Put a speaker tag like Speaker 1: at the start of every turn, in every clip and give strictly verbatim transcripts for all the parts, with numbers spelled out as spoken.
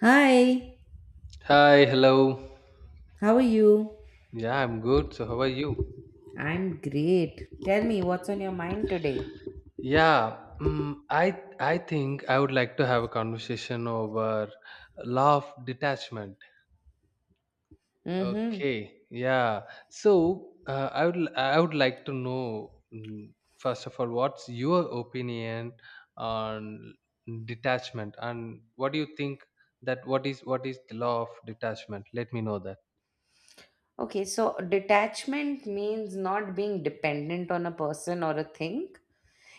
Speaker 1: Hi,
Speaker 2: Hi, hello.
Speaker 1: how are you?
Speaker 2: Yeah, I'm good. So how are you?
Speaker 1: I'm great. Tell me what's on your mind today.
Speaker 2: Yeah, mm, I I think I would like to have a conversation over law of detachment.
Speaker 1: Mm-hmm.
Speaker 2: Okay, yeah. So uh, I would I would like to know mm, first of all what's your opinion on detachment, and what do you think that what is what is the law of detachment? Let me know that.
Speaker 1: Okay, so detachment means not being dependent on a person or a thing.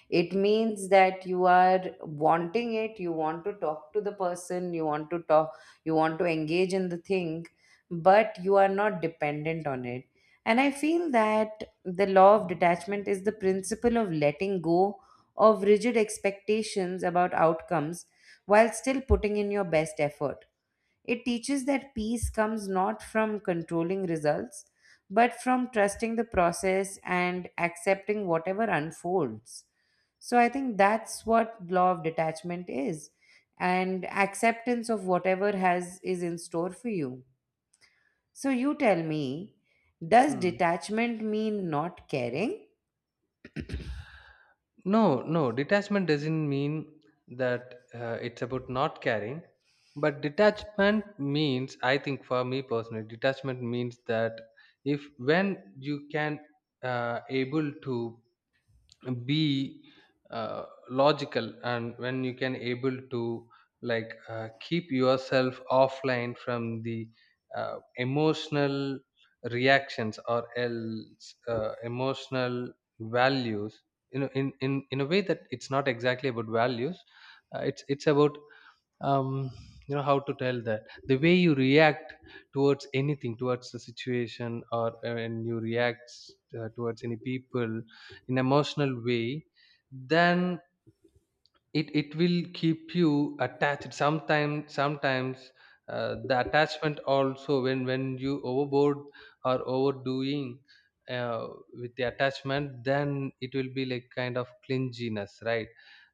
Speaker 1: It means that you are wanting it, you want to talk to the person, you want to talk, you want to engage in the thing, but you are not dependent on it. And I feel that the law of detachment is the principle of letting go of rigid expectations about outcomes while still putting in your best effort. It teaches that peace comes not from controlling results, but from trusting the process and accepting whatever unfolds. So I think that's what law of detachment is and acceptance of whatever has is in store for you. So you tell me, does
Speaker 2: Hmm.
Speaker 1: detachment mean not caring?
Speaker 2: No, no, detachment doesn't mean that uh, it's about not caring, but detachment means, I think for me personally, detachment means that if when you can uh, able to be uh, logical, and when you can able to like uh, keep yourself offline from the uh, emotional reactions or else uh, emotional values, you know, in, in in a way that it's not exactly about values. Uh, it's it's about um, you know, how to tell that the way you react towards anything, towards the situation, or uh, when you react uh, towards any people in emotional way, then it, it will keep you attached. Sometimes, sometimes uh, the attachment also, when when you overboard or overdoing uh, with the attachment, then it will be like kind of clinginess, right?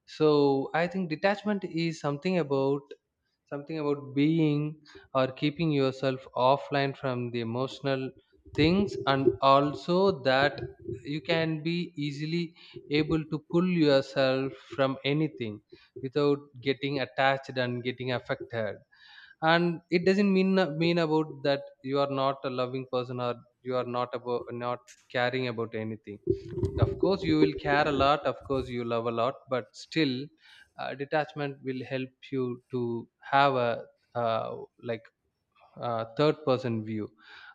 Speaker 2: So I think detachment is something about, something about being or keeping yourself offline from the emotional things, and also that you can be easily able to pull yourself from anything without getting attached and getting affected. And it doesn't mean mean about that you are not a loving person or you are not about not caring about anything. Of course you will care a lot, of course you love a lot, but still uh, detachment will help you to have a uh, like uh, third person view.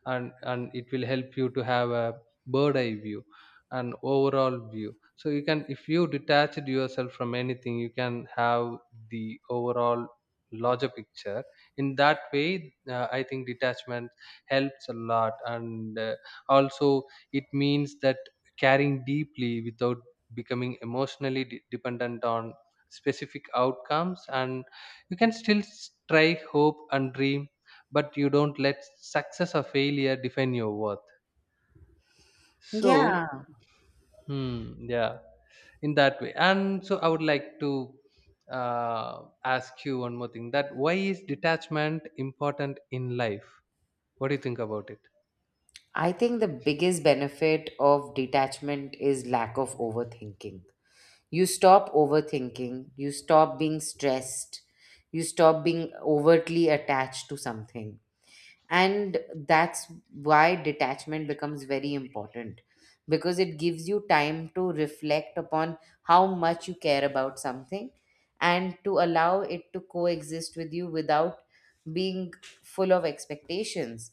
Speaker 2: and and it will help you to have a bird eye view and overall view, so you can, if you detached yourself from anything, you can have the overall larger picture. In that way, uh, I think detachment helps a lot. And uh, also it means that caring deeply without becoming emotionally de- dependent on specific outcomes, and you can still s- try, hope and dream, but you don't let success or failure define your worth. So
Speaker 1: Yeah.
Speaker 2: hmm, yeah, in that way. And so I would like to uh, ask you one more thing: that why is detachment important in life? What do you think about it?
Speaker 1: I think the biggest benefit of detachment is lack of overthinking. You stop overthinking, you stop being stressed, you stop being overtly attached to something, and that's why detachment becomes very important, because it gives you time to reflect upon how much you care about something and to allow it to coexist with you without being full of expectations.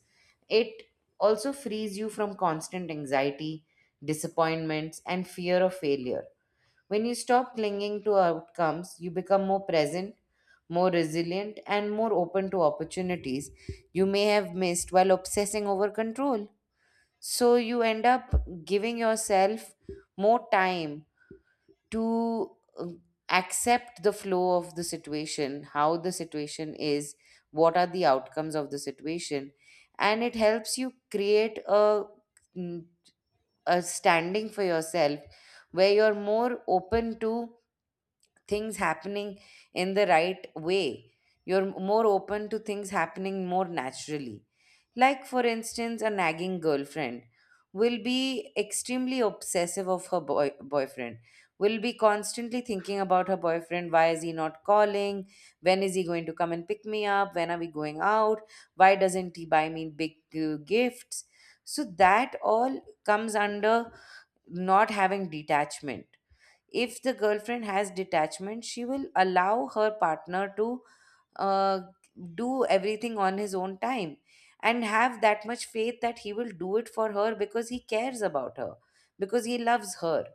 Speaker 1: It also frees you from constant anxiety, disappointments, and fear of failure. When you stop clinging to outcomes, you become more present, more resilient, and more open to opportunities you may have missed while obsessing over control. So you end up giving yourself more time to uh, accept the flow of the situation, how the situation is, what are the outcomes of the situation, and it helps you create a, mm, a standing for yourself where you're more open to things happening in the right way. You're more open to things happening more naturally. Like, for instance, a nagging girlfriend will be extremely obsessive of her boy- boyfriend, will be constantly thinking about her boyfriend. Why is he not calling? When is he going to come and pick me up? When are we going out? Why doesn't he buy me big uh, gifts? So, that all comes under not having detachment. If the girlfriend has detachment, she will allow her partner to uh, do everything on his own time and have that much faith that he will do it for her, because he cares about her, because he loves her.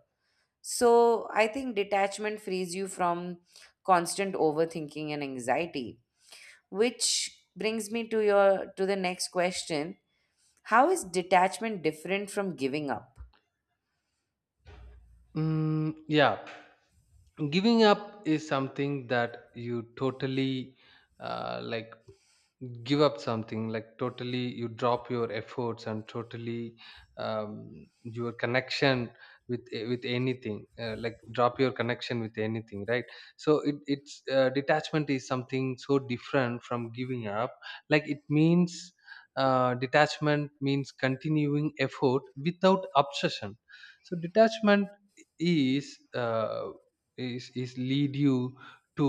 Speaker 1: So I think detachment frees you from constant overthinking and anxiety, which brings me to your to the next question: how is detachment different from giving up?
Speaker 2: Mm, yeah, giving up is something that you totally uh, like give up something, like totally you drop your efforts and totally um, your connection with eh, with anything, uh, like drop your connection with anything, right? So it, it's uh, detachment is something so different from giving up. Like it means uh, detachment means continuing effort without obsession. So detachment is uh, is is lead you to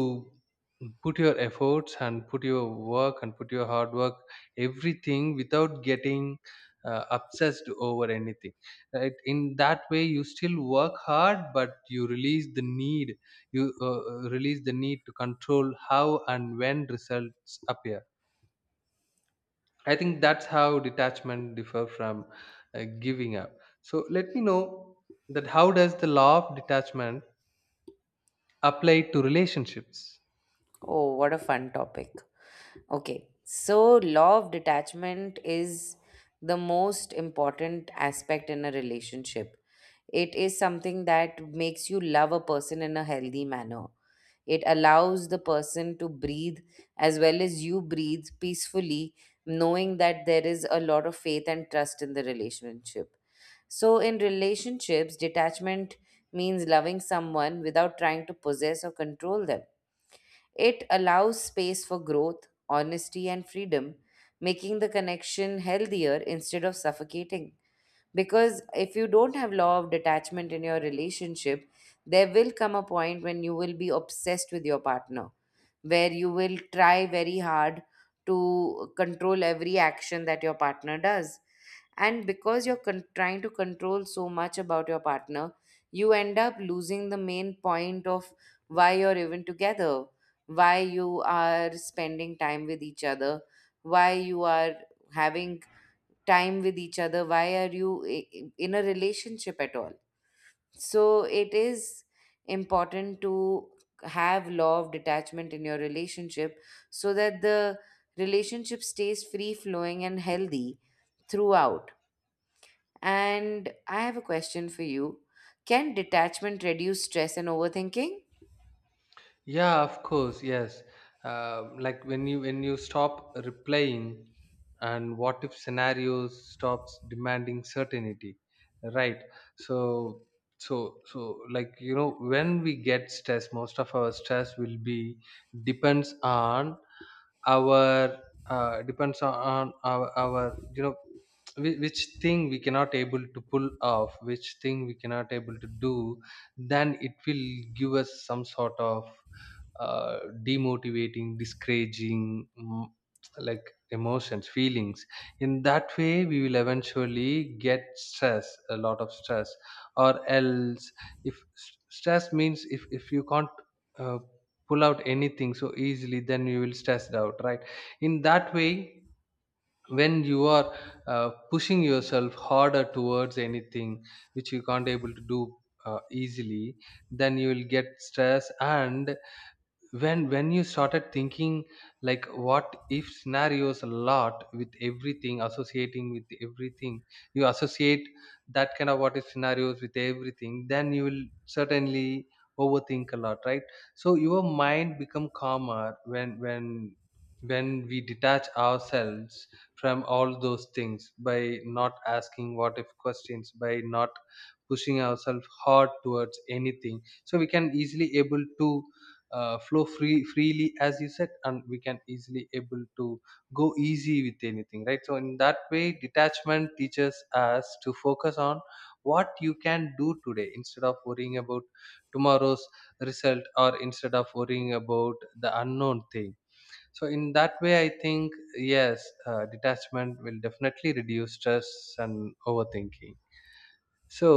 Speaker 2: put your efforts and put your work and put your hard work, everything without getting uh, obsessed over anything, right? In that way, you still work hard, but you release the need, you uh, uh, release the need to control how and when results appear. I think that's how detachment differ from uh, giving up. So let me know that how does the law of detachment apply to relationships?
Speaker 1: Oh, what a fun topic. Okay, so law of detachment is the most important aspect in a relationship. It is something that makes you love a person in a healthy manner. It allows the person to breathe as well as you breathe peacefully, knowing that there is a lot of faith and trust in the relationship. So, in relationships, detachment means loving someone without trying to possess or control them. It allows space for growth, honesty, and freedom, making the connection healthier instead of suffocating. Because if you don't have law of detachment in your relationship, there will come a point when you will be obsessed with your partner, where you will try very hard to control every action that your partner does, and because you're con- trying to control so much about your partner, you end up losing the main point of why you're even together, why you are spending time with each other, why you are having time with each other, why are you i- i- in a relationship at all. So it is important to have law of detachment in your relationship so that the relationship stays free flowing and healthy throughout. And I have a question for you. Can detachment reduce stress and overthinking?
Speaker 2: Yeah, of course, yes. Uh, like when you when you stop replying, and what if scenarios stops demanding certainty, right? So so so like, you know, when we get stressed, most of our stress will be depends on our uh, depends on our, our you know, whi- which thing we cannot able to pull off, which thing we cannot able to do, then it will give us some sort of uh, demotivating, discouraging, mm, like emotions, feelings. In that way, we will eventually get stress, a lot of stress. Or else if s- stress means, if if you can't uh, pull out anything so easily, then you will stressed out, right? In that way, when you are uh, pushing yourself harder towards anything which you can't able to do uh, easily, then you will get stress. And when when you started thinking like what if scenarios a lot, with everything, associating with everything, you associate that kind of what if scenarios with everything, then you will certainly overthink a lot, right? So your mind become calmer when when when we detach ourselves from all those things by not asking what if questions, by not pushing ourselves hard towards anything, so we can easily able to uh, flow free freely as you said, and we can easily able to go easy with anything, right? So in that way detachment teaches us to focus on what you can do today instead of worrying about tomorrow's result, or instead of worrying about the unknown thing. So in that way, I think yes, uh, detachment will definitely reduce stress and overthinking. So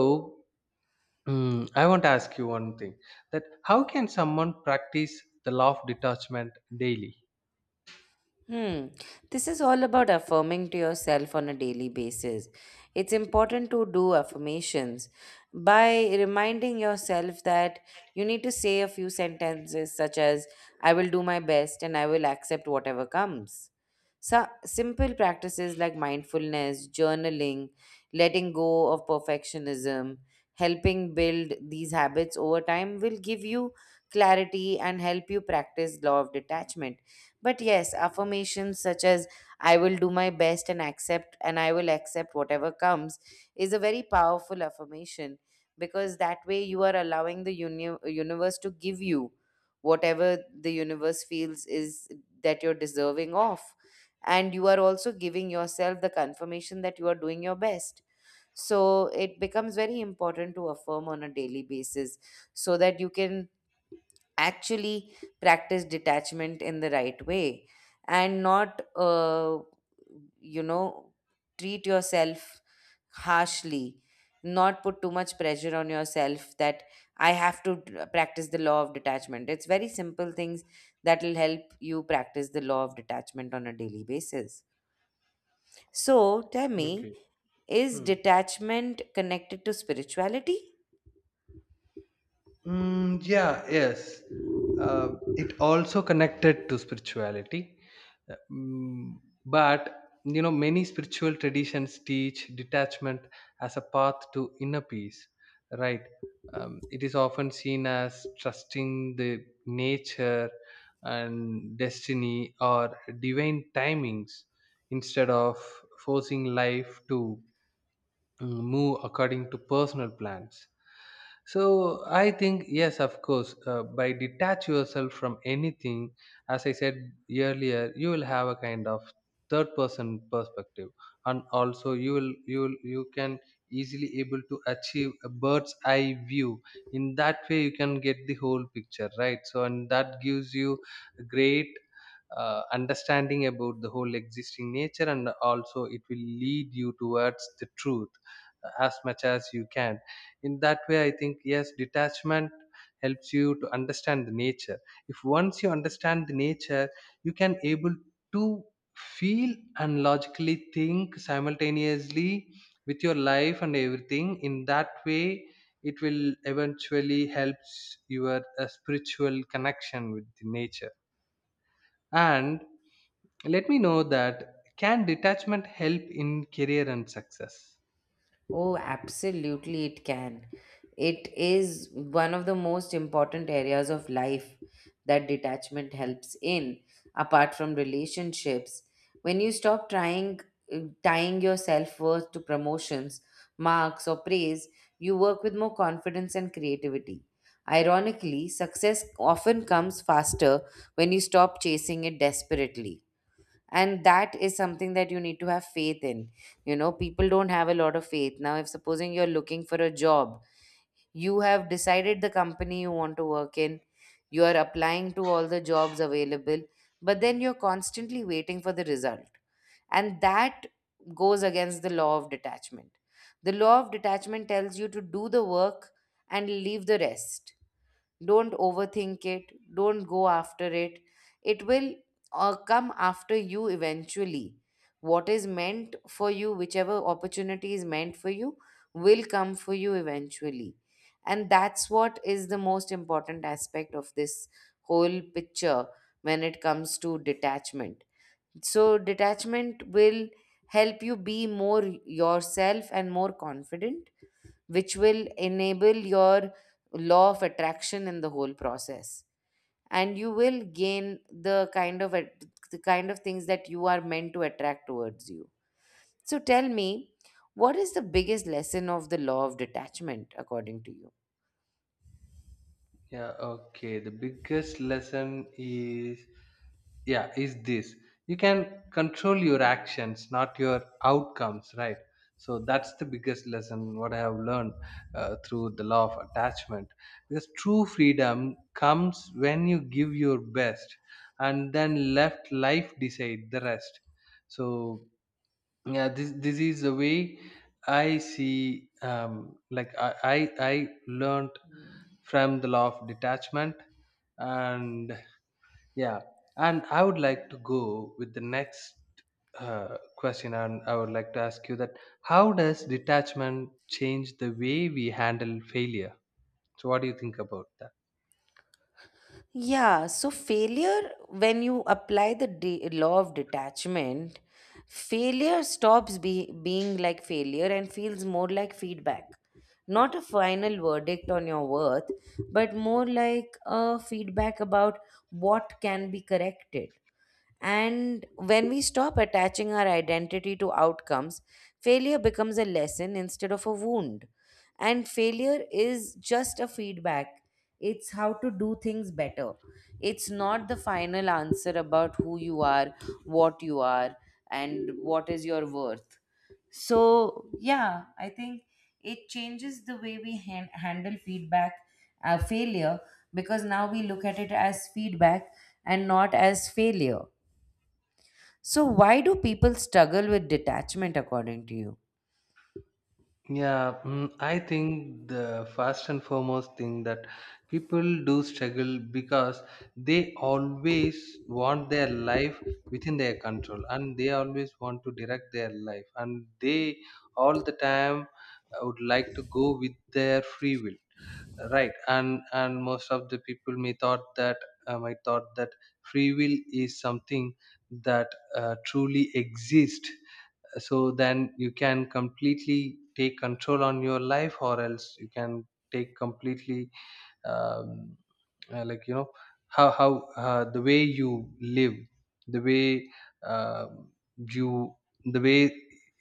Speaker 2: mm, I want to ask you one thing: that how can someone practice the law of detachment daily?
Speaker 1: Hmm. This is all about affirming to yourself on a daily basis. It's important to do affirmations by reminding yourself that you need to say a few sentences such as, I will do my best and I will accept whatever comes. So, simple practices like mindfulness, journaling, letting go of perfectionism, helping build these habits over time will give you clarity and help you practice law of detachment. But yes, affirmations such as I will do my best and accept, and I will accept whatever comes is a very powerful affirmation, because that way you are allowing the uni- universe to give you whatever the universe feels is that you're deserving of. And you are also giving yourself the confirmation that you are doing your best. So it becomes very important to affirm on a daily basis so that you can actually practice detachment in the right way and not uh, you know treat yourself harshly, not put too much pressure on yourself that I have to d- practice the law of detachment. It's very simple things that will help you practice the law of detachment on a daily basis. So tell me,
Speaker 2: Okay.
Speaker 1: is
Speaker 2: Hmm.
Speaker 1: detachment connected to spirituality?
Speaker 2: Mm, yeah, yes. Uh, it also connected to spirituality. Uh, mm, but, you know, many spiritual traditions teach detachment as a path to inner peace, right? Um, it is often seen as trusting the nature and destiny or divine timings instead of forcing life to mm, move according to personal plans. So I think yes, of course, uh, by detach yourself from anything, as I said earlier, you will have a kind of third person perspective. And also you will you will you can easily able to achieve a bird's eye view. In that way you can get the whole picture, right? So, and that gives you a great uh, understanding about the whole existing nature, and also it will lead you towards the truth uh, as much as you can. In that way, I think yes, detachment helps you to understand the nature. If once you understand the nature, you can able to feel and logically think simultaneously with your life and everything. In that way, it will eventually helps your uh, spiritual connection with the nature. And let me know that, can detachment help in career and success?
Speaker 1: Oh, absolutely, it can. It is one of the most important areas of life that detachment helps in, apart from relationships. When you stop trying uh, tying your self-worth to promotions, marks, or praise, you work with more confidence and creativity. Ironically, success often comes faster when you stop chasing it desperately, and that is something that you need to have faith in. You know, people don't have a lot of faith now. If supposing you're looking for a job, you have decided the company you want to work in, you are applying to all the jobs available, but then you're constantly waiting for the result, and that goes against the law of detachment. The law of detachment tells you to do the work and leave the rest. Don't overthink it. Don't go after it. It will uh, come after you eventually. What is meant for you, whichever opportunity is meant for you, will come for you eventually. And that's what is the most important aspect of this whole picture when it comes to detachment. So, detachment will help you be more yourself and more confident, which will enable your law of attraction in the whole process, and you will gain the kind of at- the kind of things that you are meant to attract towards you. So tell me, what is the biggest lesson of the law of detachment according to you?
Speaker 2: Yeah, okay. The biggest lesson is, yeah, is this: you can control your actions, not your outcomes, right? So that's the biggest lesson what I have learned uh, through the law of attachment. Because true freedom comes when you give your best and then left life decide the rest. So yeah, this this is the way I see, um, like I, I i learned from the law of detachment. And yeah, and I would like to go with the next uh, question, and I would like to ask you that how does detachment change the way we handle failure? So what do you think about that?
Speaker 1: Yeah, so failure, when you apply the de- law of detachment, failure stops be- being like failure and feels more like feedback. Not a final verdict on your worth, but more like a feedback about what can be corrected. And when we stop attaching our identity to outcomes, failure becomes a lesson instead of a wound. And failure is just a feedback, it's how to do things better. It's not the final answer about who you are, what you are, and what is your worth. So, yeah, I think it changes the way we han- handle feedback, uh, failure, because now we look at it as feedback and not as failure. So, why do people struggle with detachment according to you?
Speaker 2: Yeah, mm, I think the first and foremost thing, that people do struggle because they always want their life within their control, and they always want to direct their life, and they all the time uh, would like to go with their free will, right? And and most of the people may thought that, um, I thought that free will is something that uh, truly exists. So then you can completely take control on your life, or else you can take completely, um, uh, like, you know, how how uh, the way you live, the way uh, you, the way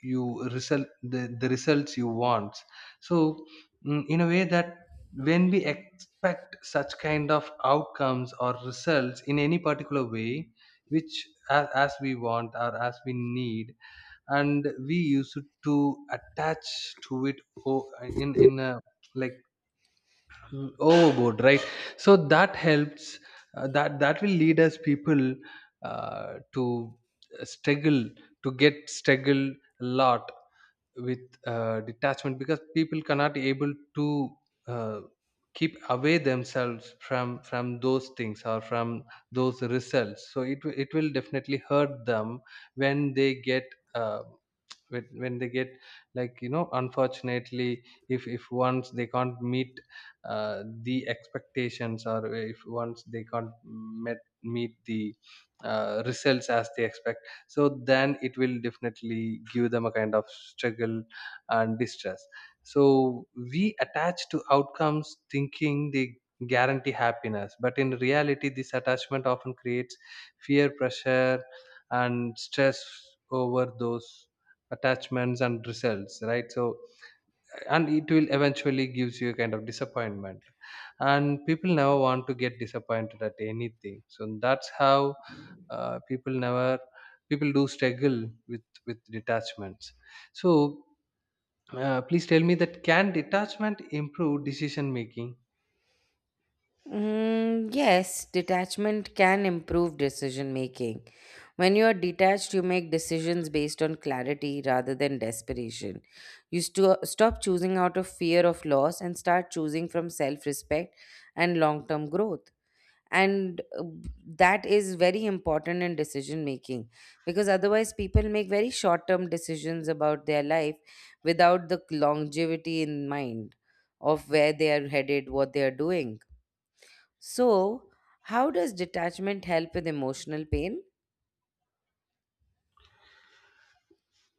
Speaker 2: you result the, the results you want. So mm, in a way that when we expect such kind of outcomes or results in any particular way, which as, as we want or as we need, and we used to attach to it, o- in in a like mm, overboard, right? So that helps uh, that that will lead us people uh, to struggle, to get struggle a lot with uh, detachment, because people cannot able to uh, keep away themselves from from those things, or from those results. So it will, it will definitely hurt them when they get uh, when, when they get, like, you know, unfortunately, if if once they can't meet uh, the expectations, or if once they can't met meet the uh, results as they expect, so then it will definitely give them a kind of struggle and distress. So we attach to outcomes thinking they guarantee happiness, but in reality this attachment often creates fear, pressure and stress over those attachments and results, right? So, and it will eventually gives you a kind of disappointment, and people never want to get disappointed at anything. So that's how uh, people never people do struggle with with detachments. So uh, please tell me that, can detachment improve decision making?
Speaker 1: Mm, yes, detachment can improve decision making. When you are detached, you make decisions based on clarity rather than desperation. You sto- stop choosing out of fear of loss and start choosing from self respect and long term growth. And uh, that is very important in decision making, because otherwise people make very short term decisions about their life without the longevity in mind of where they are headed, what they are doing. So how does detachment help with emotional pain?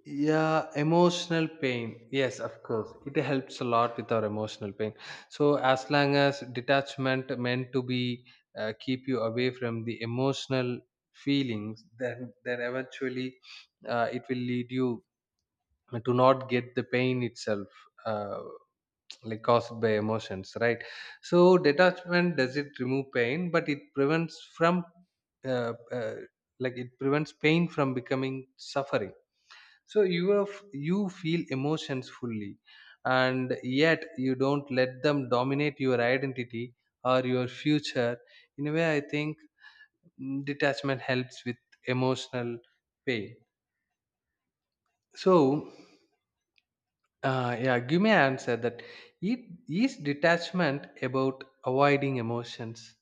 Speaker 2: Yeah, emotional pain, yes of course, it helps a lot with our emotional pain. So as long as detachment meant to be uh, keep you away from the emotional feelings, then then eventually uh, it will lead you to not get the pain itself uh, like caused by emotions, right? So detachment does it remove pain, but it prevents from uh, uh, like it prevents pain from becoming suffering. So you are, f- you feel emotions fully, and Yet you don't let them dominate your identity or your future. In a way, I think mm, detachment helps with emotional pain. So uh, yeah, give me an answer that it is detachment about avoiding emotions.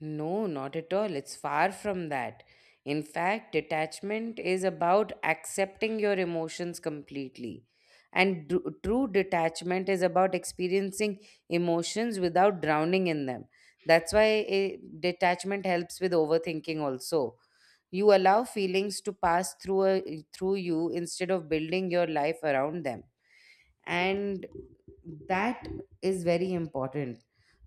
Speaker 1: No, not at all. It's far from that. In fact, detachment is about accepting your emotions completely. And dr- true detachment is about experiencing emotions without drowning in them. That's why eh, detachment helps with overthinking also. You allow feelings to pass through a, through you instead of building your life around them. And that is very important.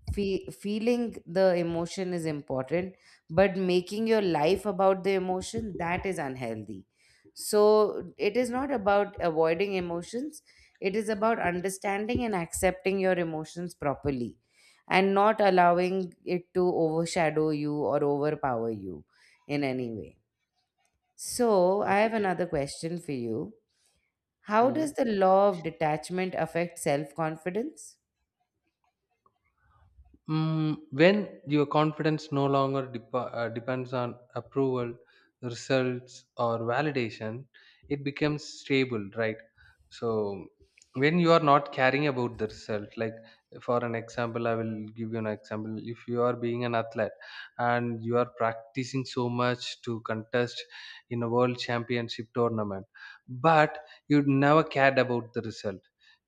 Speaker 1: Fe- feeling the emotion is important, but making your life about the emotion, that is unhealthy. So it is not about avoiding emotions, it is about understanding and accepting your emotions properly and not allowing it to overshadow you or overpower you in any way. So I have
Speaker 2: Okay.
Speaker 1: another question for you. How does the law of detachment affect self confidence?
Speaker 2: Mm, when your confidence no longer dep- uh, depends on approval, results, or validation, it becomes stable, right? So, when you are not caring about the result, like, for an example, I will give you an example. If you are being an athlete and you are practicing so much to contest in a world championship tournament, but you never cared about the result.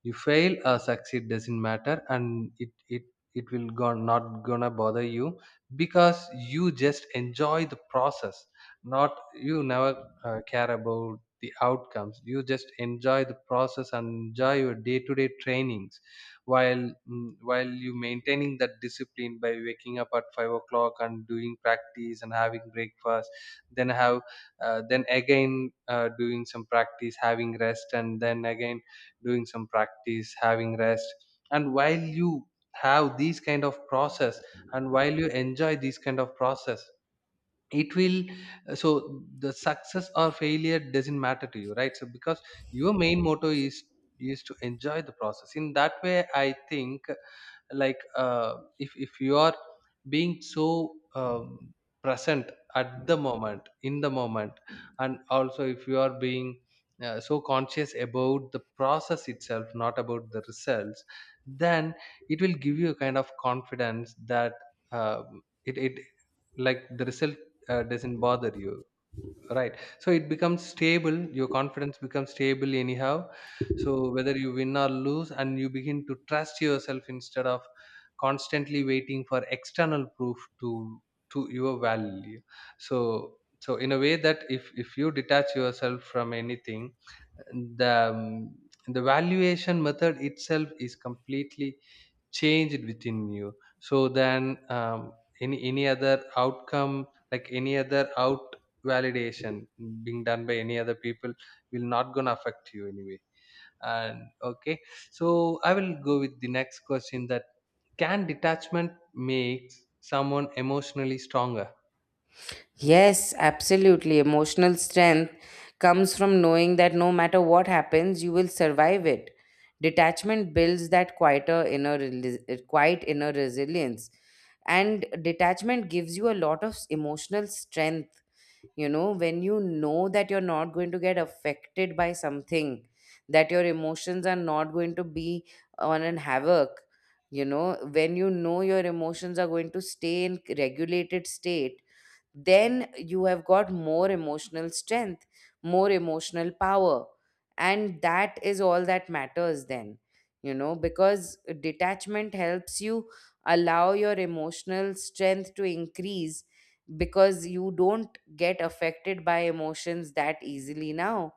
Speaker 2: You fail or succeed doesn't matter, and it it it will go not gonna bother you, because you just enjoy the process, not you never uh, care about the outcomes. You just enjoy the process and enjoy your day-to-day trainings, while mm, while you maintaining that discipline by waking up at five o'clock and doing practice and having breakfast, then have uh, then again uh, doing some practice, having rest, and then again doing some practice, having rest. And while you have these kind of process and while you enjoy these kind of process, it will, so the success or failure doesn't matter to you, right? So because your main motto is is to enjoy the process. In that way, I think, like, uh, if if you are being so um, present at the moment, in the moment, and also if you are being uh, so conscious about the process itself, not about the results, then it will give you a kind of confidence that, um, it, it like the result uh, doesn't bother you, right? So it becomes stable, your confidence becomes stable anyhow. So whether you win or lose, and you begin to trust yourself instead of constantly waiting for external proof to to your value. So so in a way that if if you detach yourself from anything, the um, the valuation method itself is completely change it within you. So then um, any any other outcome, like any other out, validation being done by any other people, will not gonna affect you anyway. And okay, so I will go with the next question that, can detachment make someone emotionally stronger?
Speaker 1: Yes, absolutely. Emotional strength comes from knowing that no matter what happens, you will survive it. Detachment builds that quieter inner, reli- quiet inner resilience. And detachment gives you a lot of emotional strength. You know, when you know that you're not going to get affected by something, that your emotions are not going to be on an havoc, you know, when you know your emotions are going to stay in regulated state, then you have got more emotional strength, more emotional power. And that is all that matters then, you know, because detachment helps you allow your emotional strength to increase because you don't get affected by emotions that easily now.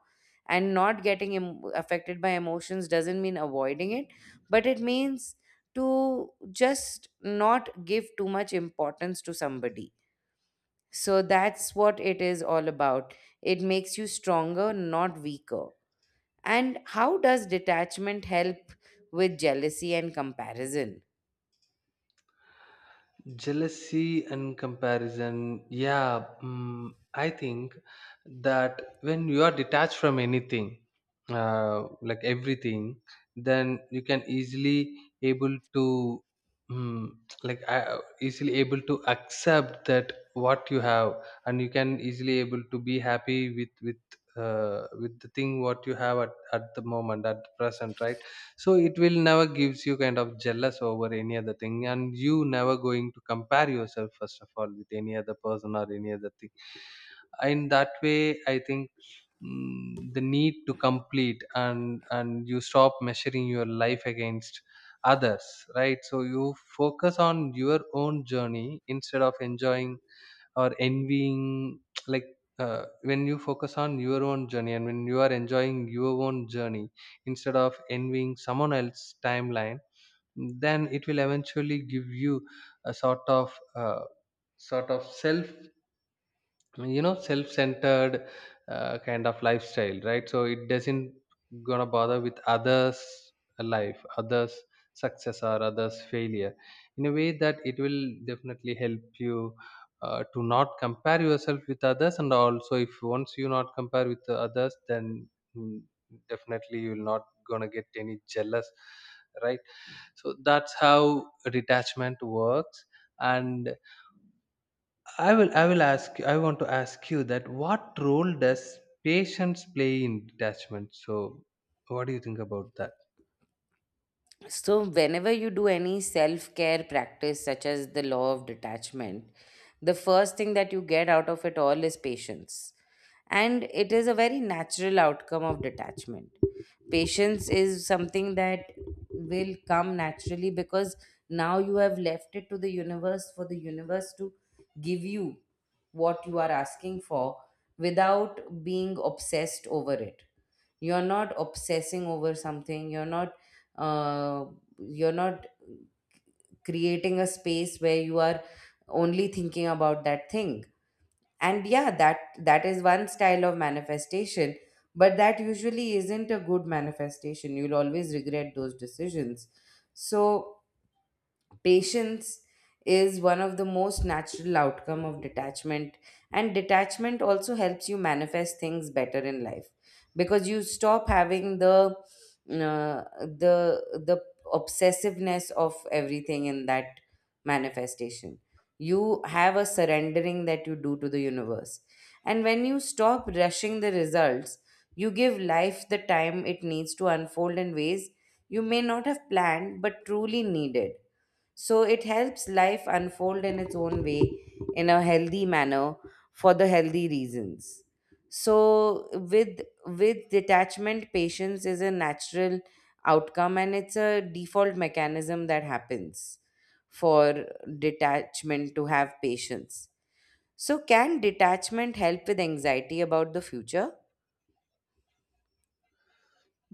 Speaker 1: And not getting em- affected by emotions doesn't mean avoiding it, but it means to just not give too much importance to somebody, so that's what it is all about. It makes you stronger, not weaker. And how does detachment help with jealousy and comparison?
Speaker 2: Jealousy and comparison. Yeah, mm, I think that when you are detached from anything, uh, like everything, then you can easily able to mm, like uh, easily able to accept that what you have, and you can easily able to be happy with with uh, with the thing what you have at, at the moment, at the present, right? So it will never gives you kind of jealous over any other thing, and you never going to compare yourself, first of all, with any other person or any other thing. In that way, I think mm, the need to complete and and you stop measuring your life against others, right? So you focus on your own journey instead of enjoying or envying like uh, when you focus on your own journey and when you are enjoying your own journey instead of envying someone else's timeline, then it will eventually give you a sort of uh, sort of self, you know, self-centered uh, kind of lifestyle, right? So it doesn't gonna bother with others life, others success or others failure. In a way that it will definitely help you uh, to not compare yourself with others. And also if once you not compare with the others, then mm, definitely you will not gonna get any jealous, right? So that's how detachment works. And I will I will ask I want to ask you that, what role does patience play in detachment? So what do you think about that?
Speaker 1: So, whenever you do any self care practice, such as the law of detachment, the first thing that you get out of it all is patience. And it is a very natural outcome of detachment. Patience is something that will come naturally because now you have left it to the universe for the universe to give you what you are asking for without being obsessed over it. You're not obsessing over something, you're not uh, you're not creating a space where you are only thinking about that thing. And yeah, that that is one style of manifestation, but that usually isn't a good manifestation. You'll always regret those decisions. So patience is one of the most natural outcome of detachment, and detachment also helps you manifest things better in life because you stop having the uh, the the obsessiveness of everything in that manifestation. You have a surrendering that you do to the universe, and when you stop rushing the results, you give life the time it needs to unfold in ways you may not have planned but truly needed. So it helps life unfold in its own way, in a healthy manner, for the healthy reasons. So with with detachment, patience is a natural outcome and it's a default mechanism that happens for detachment to have patience. So can detachment help with anxiety about the future?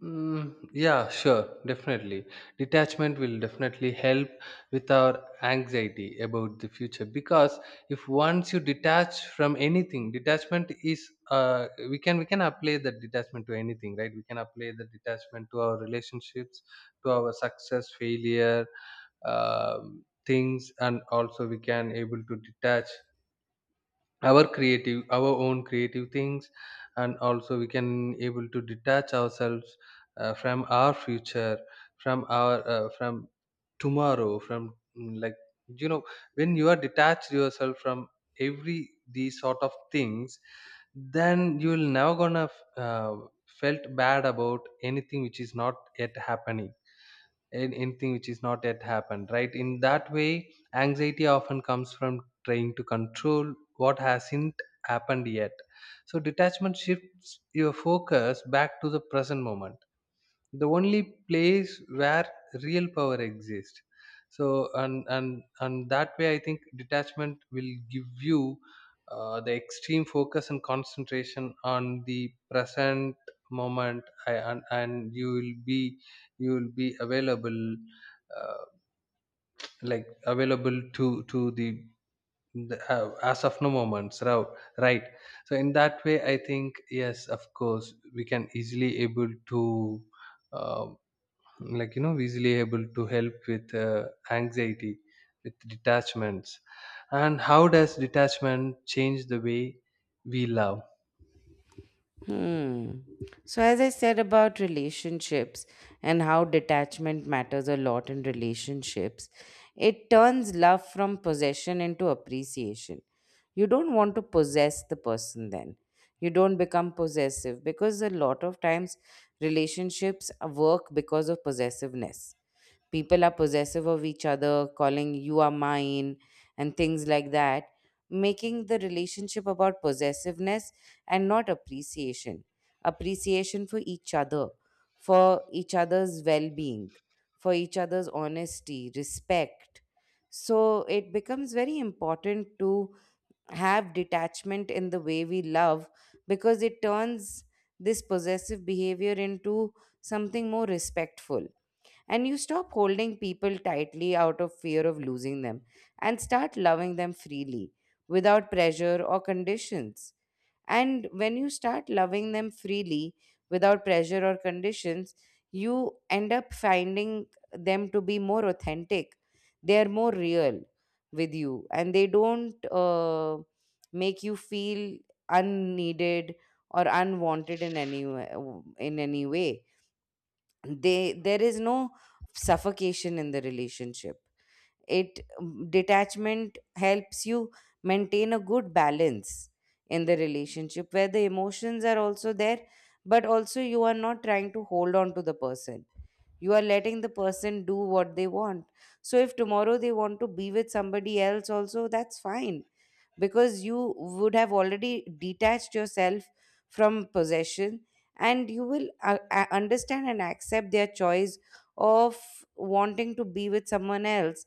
Speaker 2: Mm, yeah, sure, definitely. Detachment will definitely help with our anxiety about the future, because if once you detach from anything, detachment is, uh, we can we can apply that detachment to anything, right? We can apply the detachment to our relationships, to our success, failure, um things, and also we can able to detach our creative our own creative things, and also we can able to detach ourselves uh, from our future, from our uh, from tomorrow, from mm, like, you know, when you are detached yourself from every these sort of things, then you will never gonna uh, felt bad about anything which is not yet happening, an- anything which is not yet happened, right? In that way, anxiety often comes from trying to control what hasn't happened yet. So detachment shifts your focus back to the present moment, the only place where real power exists. So and and and that way, I think, detachment will give you uh, the extreme focus and concentration on the present moment. I, and and you will be, you will be available, uh, like available to to the, the uh, as of no moments, right? Right. So in that way, I think, yes, of course, we can easily able to uh, like, you know, easily able to help with uh, anxiety with detachments. And how does detachment change the way we love?
Speaker 1: Hmm. So, as I said about relationships and how detachment matters a lot in relationships, it turns love from possession into appreciation. You don't want to possess the person then. You don't become possessive, because a lot of times relationships work because of possessiveness. People are possessive of each other, calling you are mine, and things like that, making the relationship about possessiveness and not appreciation. Appreciation for each other, for each other's well being, for each other's honesty, respect. So it becomes very important to have detachment in the way we love, because it turns this possessive behavior into something more respectful, and you stop holding people tightly out of fear of losing them and start loving them freely without pressure or conditions. And when you start loving them freely without pressure or conditions, you end up finding them to be more authentic. They are more real with you and they don't uh, make you feel unneeded or unwanted in any way, in any way they there is no suffocation in the relationship. It, um, detachment helps you maintain a good balance in the relationship where the emotions are also there, but also you are not trying to hold on to the person. You are letting the person do what they want. So if tomorrow they want to be with somebody else, also that's fine, because you would have already detached yourself from possession, and you will uh, uh, understand and accept their choice of wanting to be with someone else,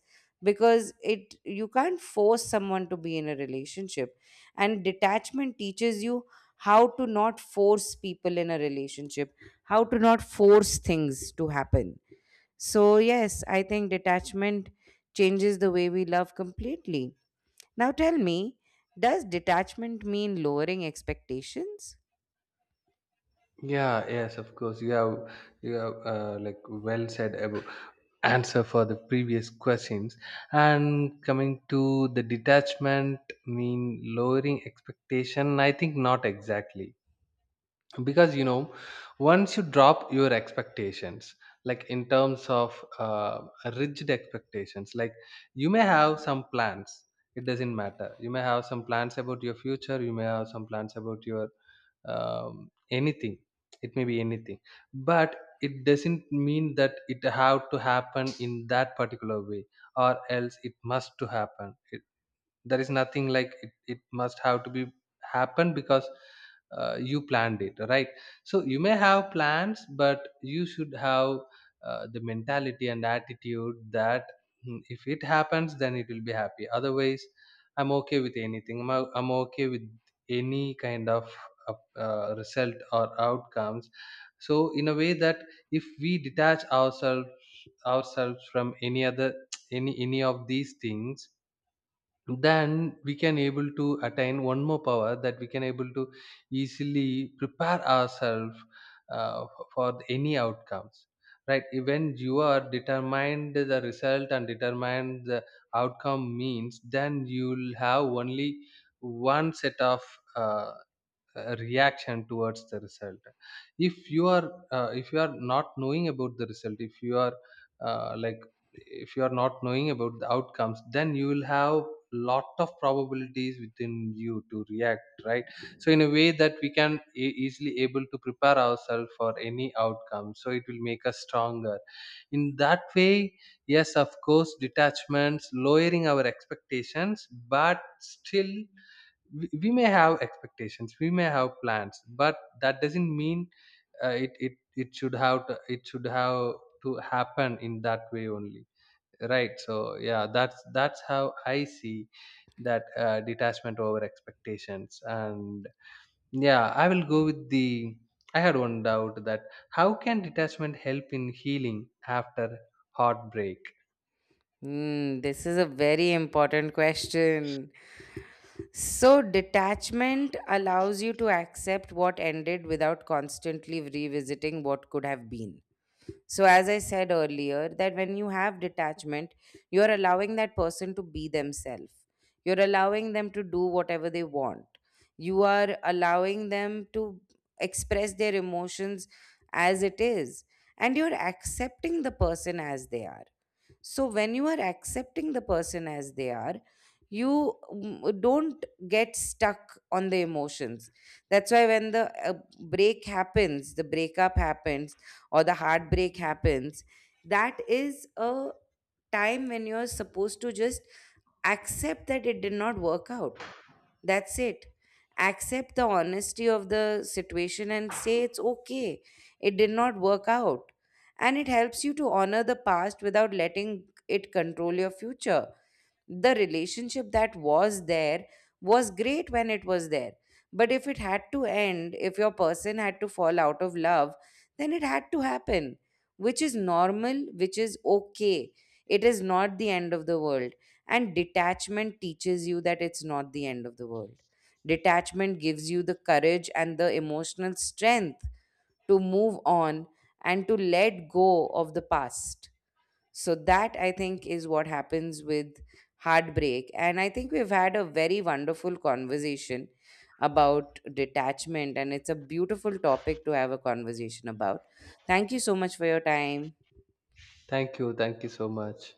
Speaker 1: because it, you can't force someone to be in a relationship, and detachment teaches you how to not force people in a relationship, how to not force things to happen. So, yes, I think detachment changes the way we love completely. Now, tell me, does detachment mean lowering expectations?
Speaker 2: Yeah, yes, of course. You have you have uh, like, well said about answer for the previous questions. And coming to the, detachment mean lowering expectation, I think not exactly, because, you know, once you drop your expectations, like, in terms of uh, rigid expectations, like, you may have some plans, it doesn't matter, you may have some plans about your future, you may have some plans about your um, anything, it may be anything, but it doesn't mean that it have to happen in that particular way, or else it must to happen, it, there is nothing like it, it must have to be happen because uh, you planned it, right? So you may have plans, but you should have uh, the mentality and attitude that, "Hmm, if it happens then it will be happy, otherwise I'm okay with anything, i'm, o- I'm okay with any kind of uh, uh, result or outcomes." So in a way that, if we detach ourselves ourselves from any other any any of these things, then we can able to attain one more power, that we can able to easily prepare ourselves uh, f- for any outcomes, right? When you are determined the result and determined the outcome means, then you'll have only one set of uh, uh, reaction towards the result. If you are uh, if you are not knowing about the result, if you are uh, like if you are not knowing about the outcomes, then you will have lot of probabilities within you to react, right? So in a way that, we can e- easily able to prepare ourselves for any outcome, so it will make us stronger, in that way. Yes, of course, detachments lowering our expectations, but still we we may have expectations, we may have plans, but that doesn't mean uh, it, it it should have to, it should have to happen in that way only, right? So yeah, that's that's how I see that, uh, detachment over expectations. And yeah, I will go with the, I had one doubt that, how can detachment help in healing after heartbreak?
Speaker 1: Hmm, this is a very important question. So, detachment allows you to accept what ended without constantly revisiting what could have been. So, as I said earlier, that when you have detachment, you're allowing that person to be themselves, you're allowing them to do whatever they want, you are allowing them to express their emotions as it is, and you're accepting the person as they are. So when you are accepting the person as they are, you mm, don't get stuck on the emotions. That's why when the uh, break happens, the breakup happens, or the heartbreak happens, that is a time when you're supposed to just accept that it did not work out, that's it. Accept the honesty of the situation and say it's okay. It did not work out. And it helps you to honor the past without letting it control your future. The relationship that was there was great when it was there, but if it had to end, if your person had to fall out of love, then it had to happen, which is normal, which is okay. It is not the end of the world, and detachment teaches you that it's not the end of the world. Detachment gives you the courage and the emotional strength to move on and to let go of the past. So that, I think, is what happens with heartbreak. And I think we've had a very wonderful conversation about detachment, and it's a beautiful topic to have a conversation about. Thank you so much for your time.
Speaker 2: Thank you thank you so much.